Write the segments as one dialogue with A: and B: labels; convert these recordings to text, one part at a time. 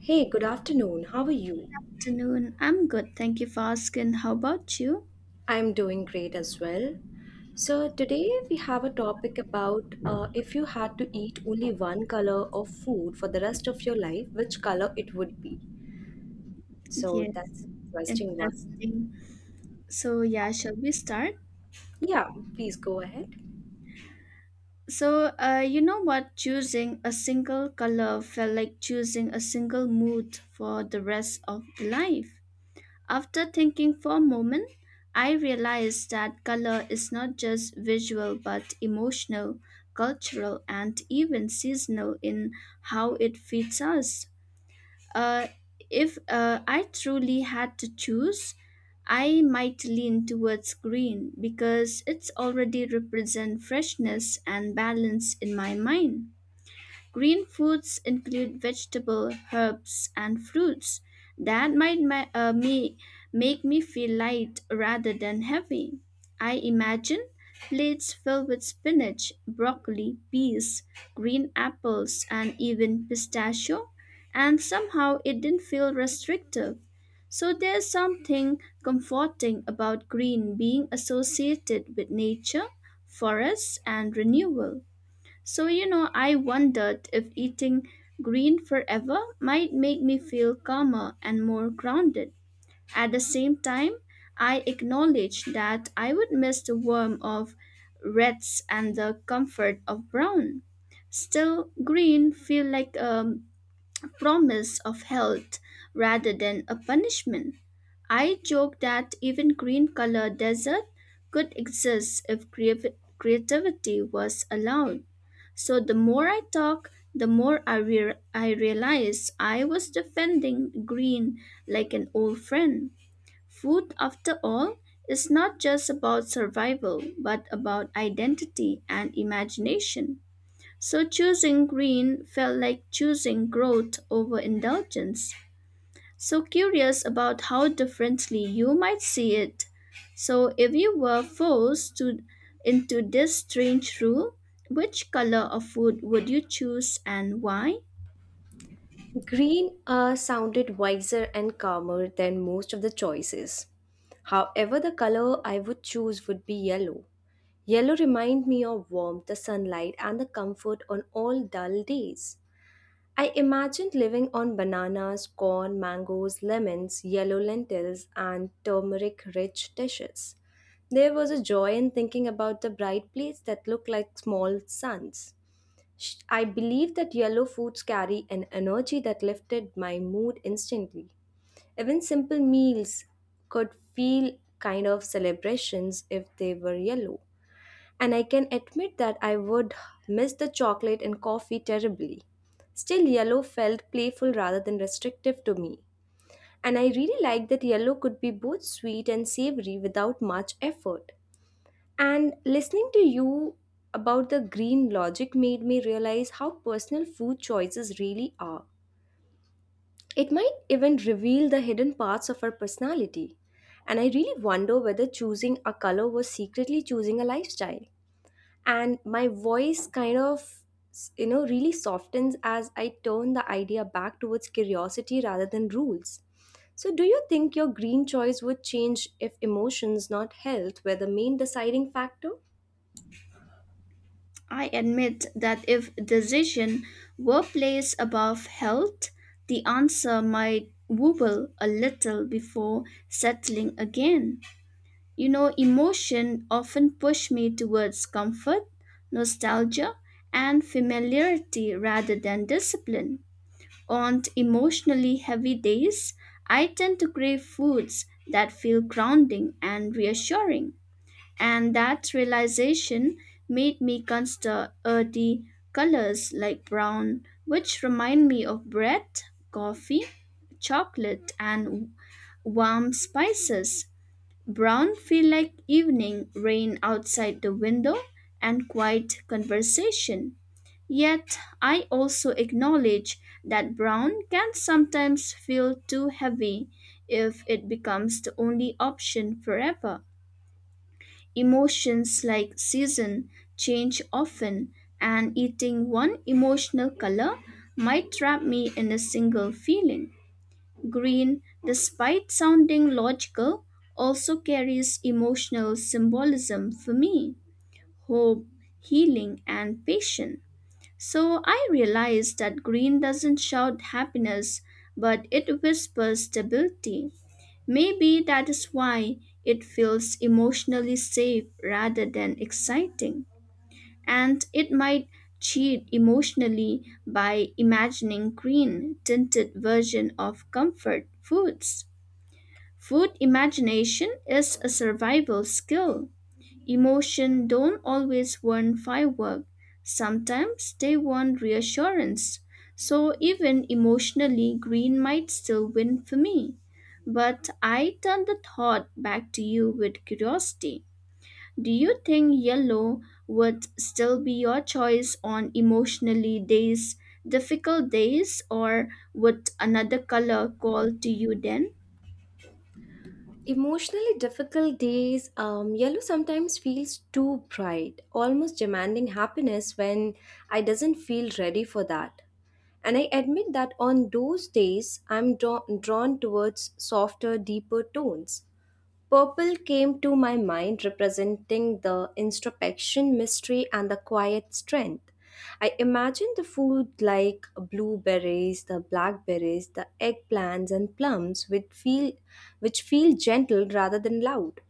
A: Hey, good afternoon. How are you?
B: Afternoon. I'm good. Thank you for asking. How about you?
A: I'm doing great as well. So, today we have a topic about if you had to eat only one color of food for the rest of your life, which color it would be. So, that's
B: Yes,
A: an interesting one.
B: interesting. So, yeah, shall we start?
A: Yeah, please go ahead.
B: So, you know what? Choosing a single color felt like choosing a single mood for the rest of the life. After thinking for a moment, I realized that color is not just visual but emotional, cultural, and even seasonal in how it fits us. Uh, if I truly had to choose, I might lean towards green because it's already represent freshness and balance in my mind. Green foods include vegetable, herbs, and fruits. That might ma- me make me feel light rather than heavy. I imagine plates filled with spinach, broccoli, peas, green apples, and even pistachio, and somehow it didn't feel restrictive. So there's something comforting about green being associated with nature, forests, and renewal. So, you know, I wondered if eating green forever might make me feel calmer and more grounded. At the same time, I acknowledged that I would miss the warmth of reds and the comfort of brown. Still, green feel like a promise of health rather than a punishment. I joke that even green colored desert could exist if creativity was allowed. So the more I talk, the more I realize I was defending green like an old friend. Food, after all, is not just about survival, but about identity and imagination. So choosing green felt like choosing growth over indulgence. So curious about how differently you might see it. So if you were forced to into this strange rule, which color of food would you choose and why?
A: Green sounded wiser and calmer than most of the choices. However, the color I would choose would be yellow. Yellow remind me of warmth, the sunlight, and the comfort on all dull days. I imagined living on bananas, corn, mangoes, lemons, yellow lentils, and turmeric rich dishes. There was a joy in thinking about the bright plates that looked like small suns. I believe that yellow foods carry an energy that lifted my mood instantly. Even simple meals could feel kind of celebrations if they were yellow, and I can admit that I would miss the chocolate and coffee terribly. Still, yellow felt playful rather than restrictive to me, and I really liked that yellow could be both sweet and savory without much effort. And listening to you about the green logic made me realize how personal food choices really are. It might even reveal the hidden parts of our personality. And I really wonder whether choosing a color was secretly choosing a lifestyle, and my voice kind of really softens as I turn the idea back towards curiosity rather than rules. So do you think your green choice would change if emotions, not health, were the main deciding factor?
B: I admit that if decision were placed above health, the answer might wobble a little before settling again. You know, emotion often push me towards comfort, nostalgia, and familiarity rather than discipline. On emotionally heavy days, I tend to crave foods that feel grounding and reassuring. And that realization made me consider earthy colors like brown, which remind me of bread, coffee, chocolate, and warm spices. Brown feel like evening rain outside the window and quiet conversation. Yet I also acknowledge that brown can sometimes feel too heavy if it becomes the only option forever. Emotions like season change often, and eating one emotional color might trap me in a single feeling. Green, despite sounding logical, also carries emotional symbolism for me: hope, healing, and patience. So I realize that green doesn't shout happiness, but it whispers stability. Maybe that is why it feels emotionally safe rather than exciting. And it might cheat emotionally by imagining green tinted version of comfort foods. Food imagination is a survival skill. Emotion don't always want firework. Sometimes they want reassurance. So even emotionally green might still win for me. But I turn the thought back to you with curiosity. Do you think yellow would still be your choice on emotionally days, difficult days, or would another color call to you then?
A: Emotionally difficult days, yellow sometimes feels too bright, almost demanding happiness when I doesn't feel ready for that, and I admit that on those days I'm drawn towards softer, deeper tones. Purple came to my mind, representing the introspection, mystery, and the quiet strength. I imagine the food like blueberries, the blackberries, the eggplants, and plums, which feel gentle rather than loud.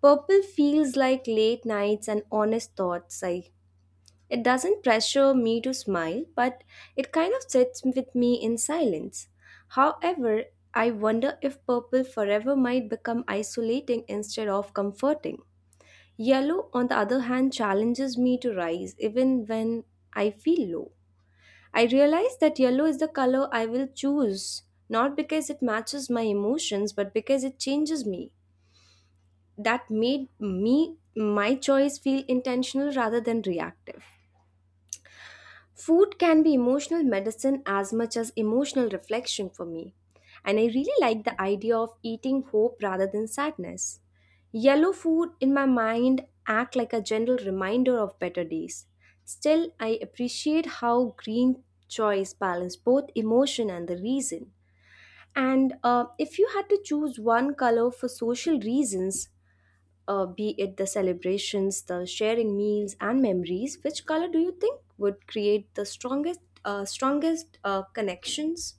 A: Purple feels like late nights and honest thoughts. I It doesn't pressure me to smile, but it kind of sits with me in silence. However, I wonder if purple forever might become isolating instead of comforting. Yellow, on the other hand, challenges me to rise even when I feel low. I realize that yellow is the color I will choose, not because it matches my emotions, but because it changes me. That made me my choice feel intentional rather than reactive. Food can be emotional medicine as much as emotional reflection for me. And I really like the idea of eating hope rather than sadness. Yellow food in my mind act like a gentle reminder of better days. Still, I appreciate how green choice balance both emotion and the reason. And if you had to choose one color for social reasons, be it the celebrations, the sharing meals, and memories, which color do you think would create the strongest connections?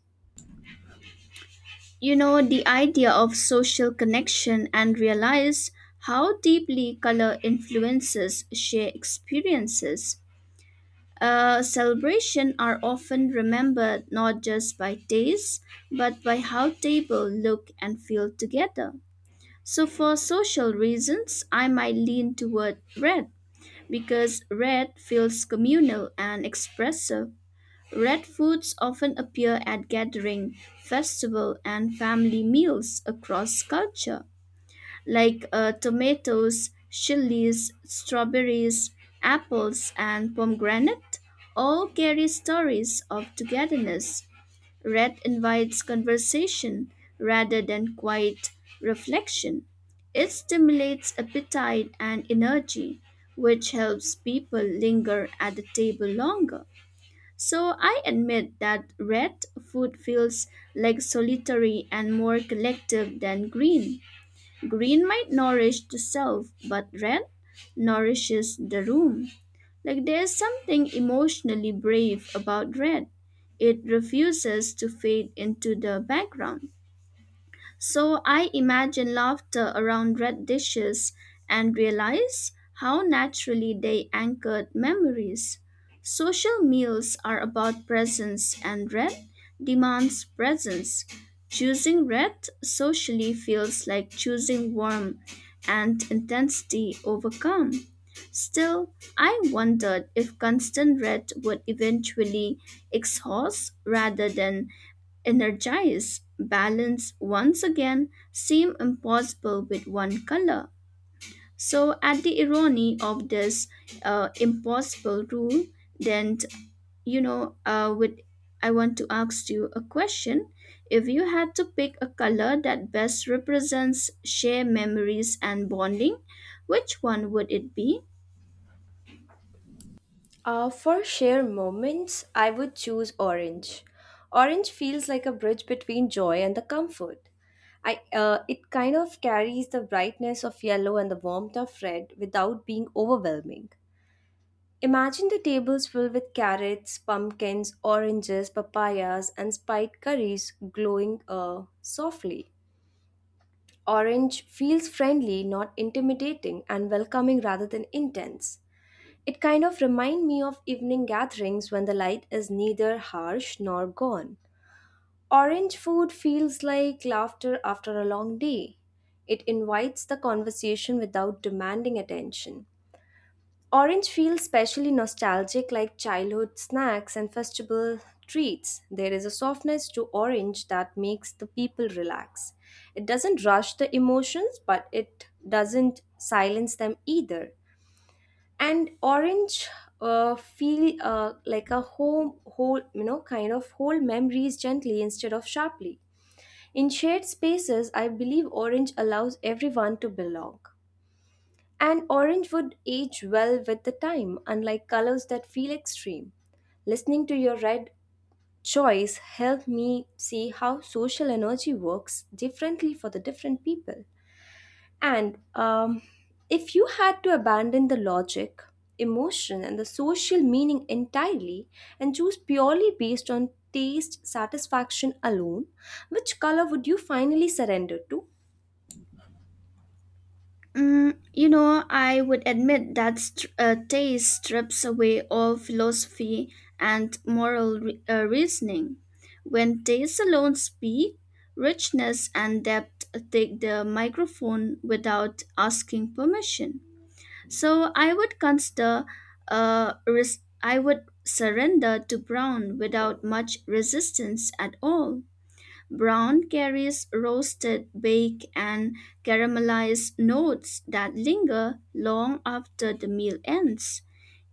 B: You know, the idea of social connection and realize how deeply color influences shared experiences. Celebration are often remembered not just by taste, but by how table look and feel together. So for social reasons, I might lean toward red because red feels communal and expressive. Red foods often appear at gathering, festival, and family meals across culture, like tomatoes, chilies, strawberries, apples, and pomegranate. All carry stories of togetherness. Red invites conversation rather than quiet reflection. It stimulates appetite and energy, which helps people linger at the table longer. So I admit that red food feels like solitary and more collective than green. Green might nourish the self, but red nourishes the room. Like there's something emotionally brave about red. It refuses to fade into the background. So I imagine laughter around red dishes and realize how naturally they anchored memories. Social meals are about presence, and red demands presence. Choosing red socially feels like choosing warmth and intensity over calm. Still, I wondered if constant red would eventually exhaust rather than energize, balance once again seem impossible with one color. So at the irony of this impossible rule, then, you know with I want to ask you a question: if you had to pick a color that best represents shared memories and bonding, which one would it be?
A: For share moments, I would choose orange. Orange feels like a bridge between joy and the comfort. It kind of carries the brightness of yellow and the warmth of red without being overwhelming. Imagine the tables filled with carrots, pumpkins, oranges, papayas, and spiced curries glowing softly. Orange feels friendly, not intimidating, and welcoming rather than intense. It kind of reminds me of evening gatherings when the light is neither harsh nor gone. Orange food feels like laughter after a long day. It invites the conversation without demanding attention. Orange feels specially nostalgic, like childhood snacks and festival treats. There is a softness to orange that makes the people relax. It doesn't rush the emotions, but it doesn't silence them either. And orange feel like a home, whole, you know, kind of whole memories gently instead of sharply. In shared spaces, I believe orange allows everyone to belong. And orange would age well with the time, unlike colors that feel extreme. Listening to your red choice helped me see how social energy works differently for the different people. And if you had to abandon the logic, emotion, and the social meaning entirely and choose purely based on taste satisfaction alone, which color would you finally surrender to?
B: Mm, you know, I would admit that taste strips away all philosophy and moral reasoning. When taste alone speak, richness and depth take the microphone without asking permission. So I would consider, I would surrender to brown without much resistance at all. Brown carries roasted, baked, and caramelized notes that linger long after the meal ends.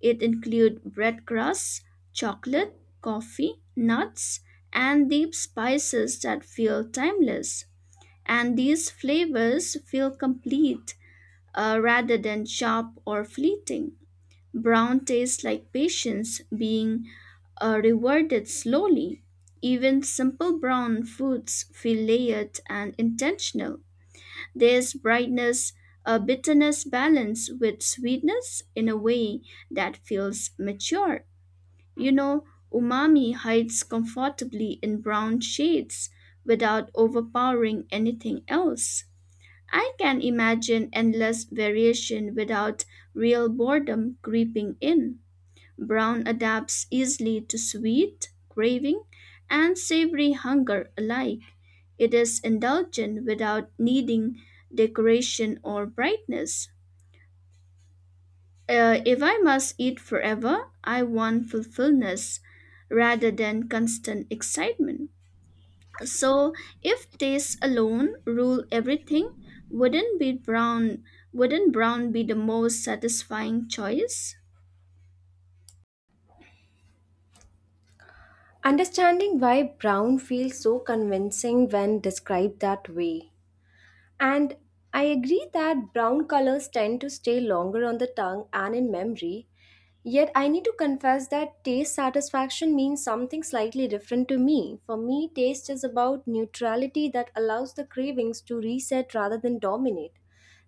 B: It includes bread crusts, chocolate, coffee, nuts, and deep spices that feel timeless. And these flavors feel complete rather than sharp or fleeting. Brown tastes like patience being rewarded slowly. Even simple brown foods feel layered and intentional. There's brightness, a bitterness balance with sweetness in a way that feels mature. You know, umami hides comfortably in brown shades without overpowering anything else. I can imagine endless variation without real boredom creeping in. Brown adapts easily to sweet craving and savory hunger alike. It is indulgent without needing decoration or brightness. If I must eat forever, I want fulfillment rather than constant excitement. So, if taste alone rule everything, wouldn't brown be the most satisfying choice?
A: Understanding why brown feels so convincing when described that way. And I agree that brown colors tend to stay longer on the tongue and in memory. Yet I need to confess that taste satisfaction means something slightly different to me. For me, taste is about neutrality that allows the cravings to reset rather than dominate.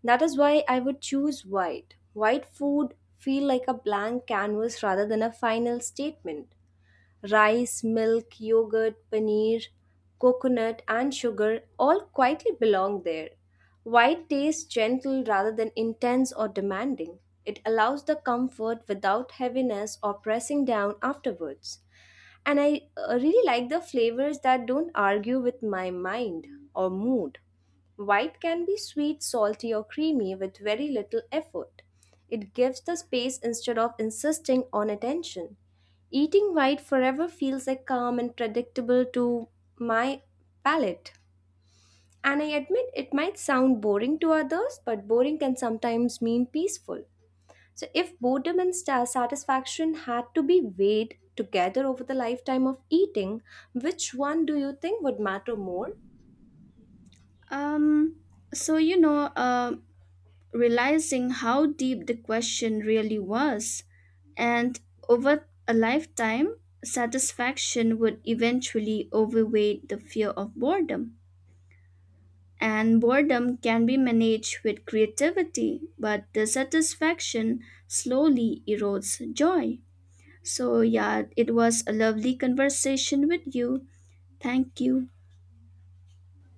A: That is why I would choose white. White food feel like a blank canvas rather than a final statement: rice, milk, yogurt, paneer, coconut, and sugar all quietly belong there. White tastes gentle rather than intense or demanding. It allows the comfort without heaviness or pressing down afterwards. And I really like the flavors that don't argue with my mind or mood. White can be sweet, salty, or creamy with very little effort. It gives the space instead of insisting on attention. Eating white forever feels like calm and predictable to my palate. And I admit it might sound boring to others, but boring can sometimes mean peaceful. So, if boredom and satisfaction had to be weighed together over the lifetime of eating, which one do you think would matter more?
B: Um, so, realizing how deep the question really was, and over a lifetime, satisfaction would eventually overweight the fear of boredom. And boredom can be managed with creativity, but the satisfaction slowly erodes joy. So, yeah, it was a lovely conversation with you. Thank you.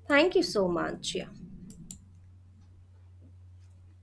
A: Thank you so much. Yeah.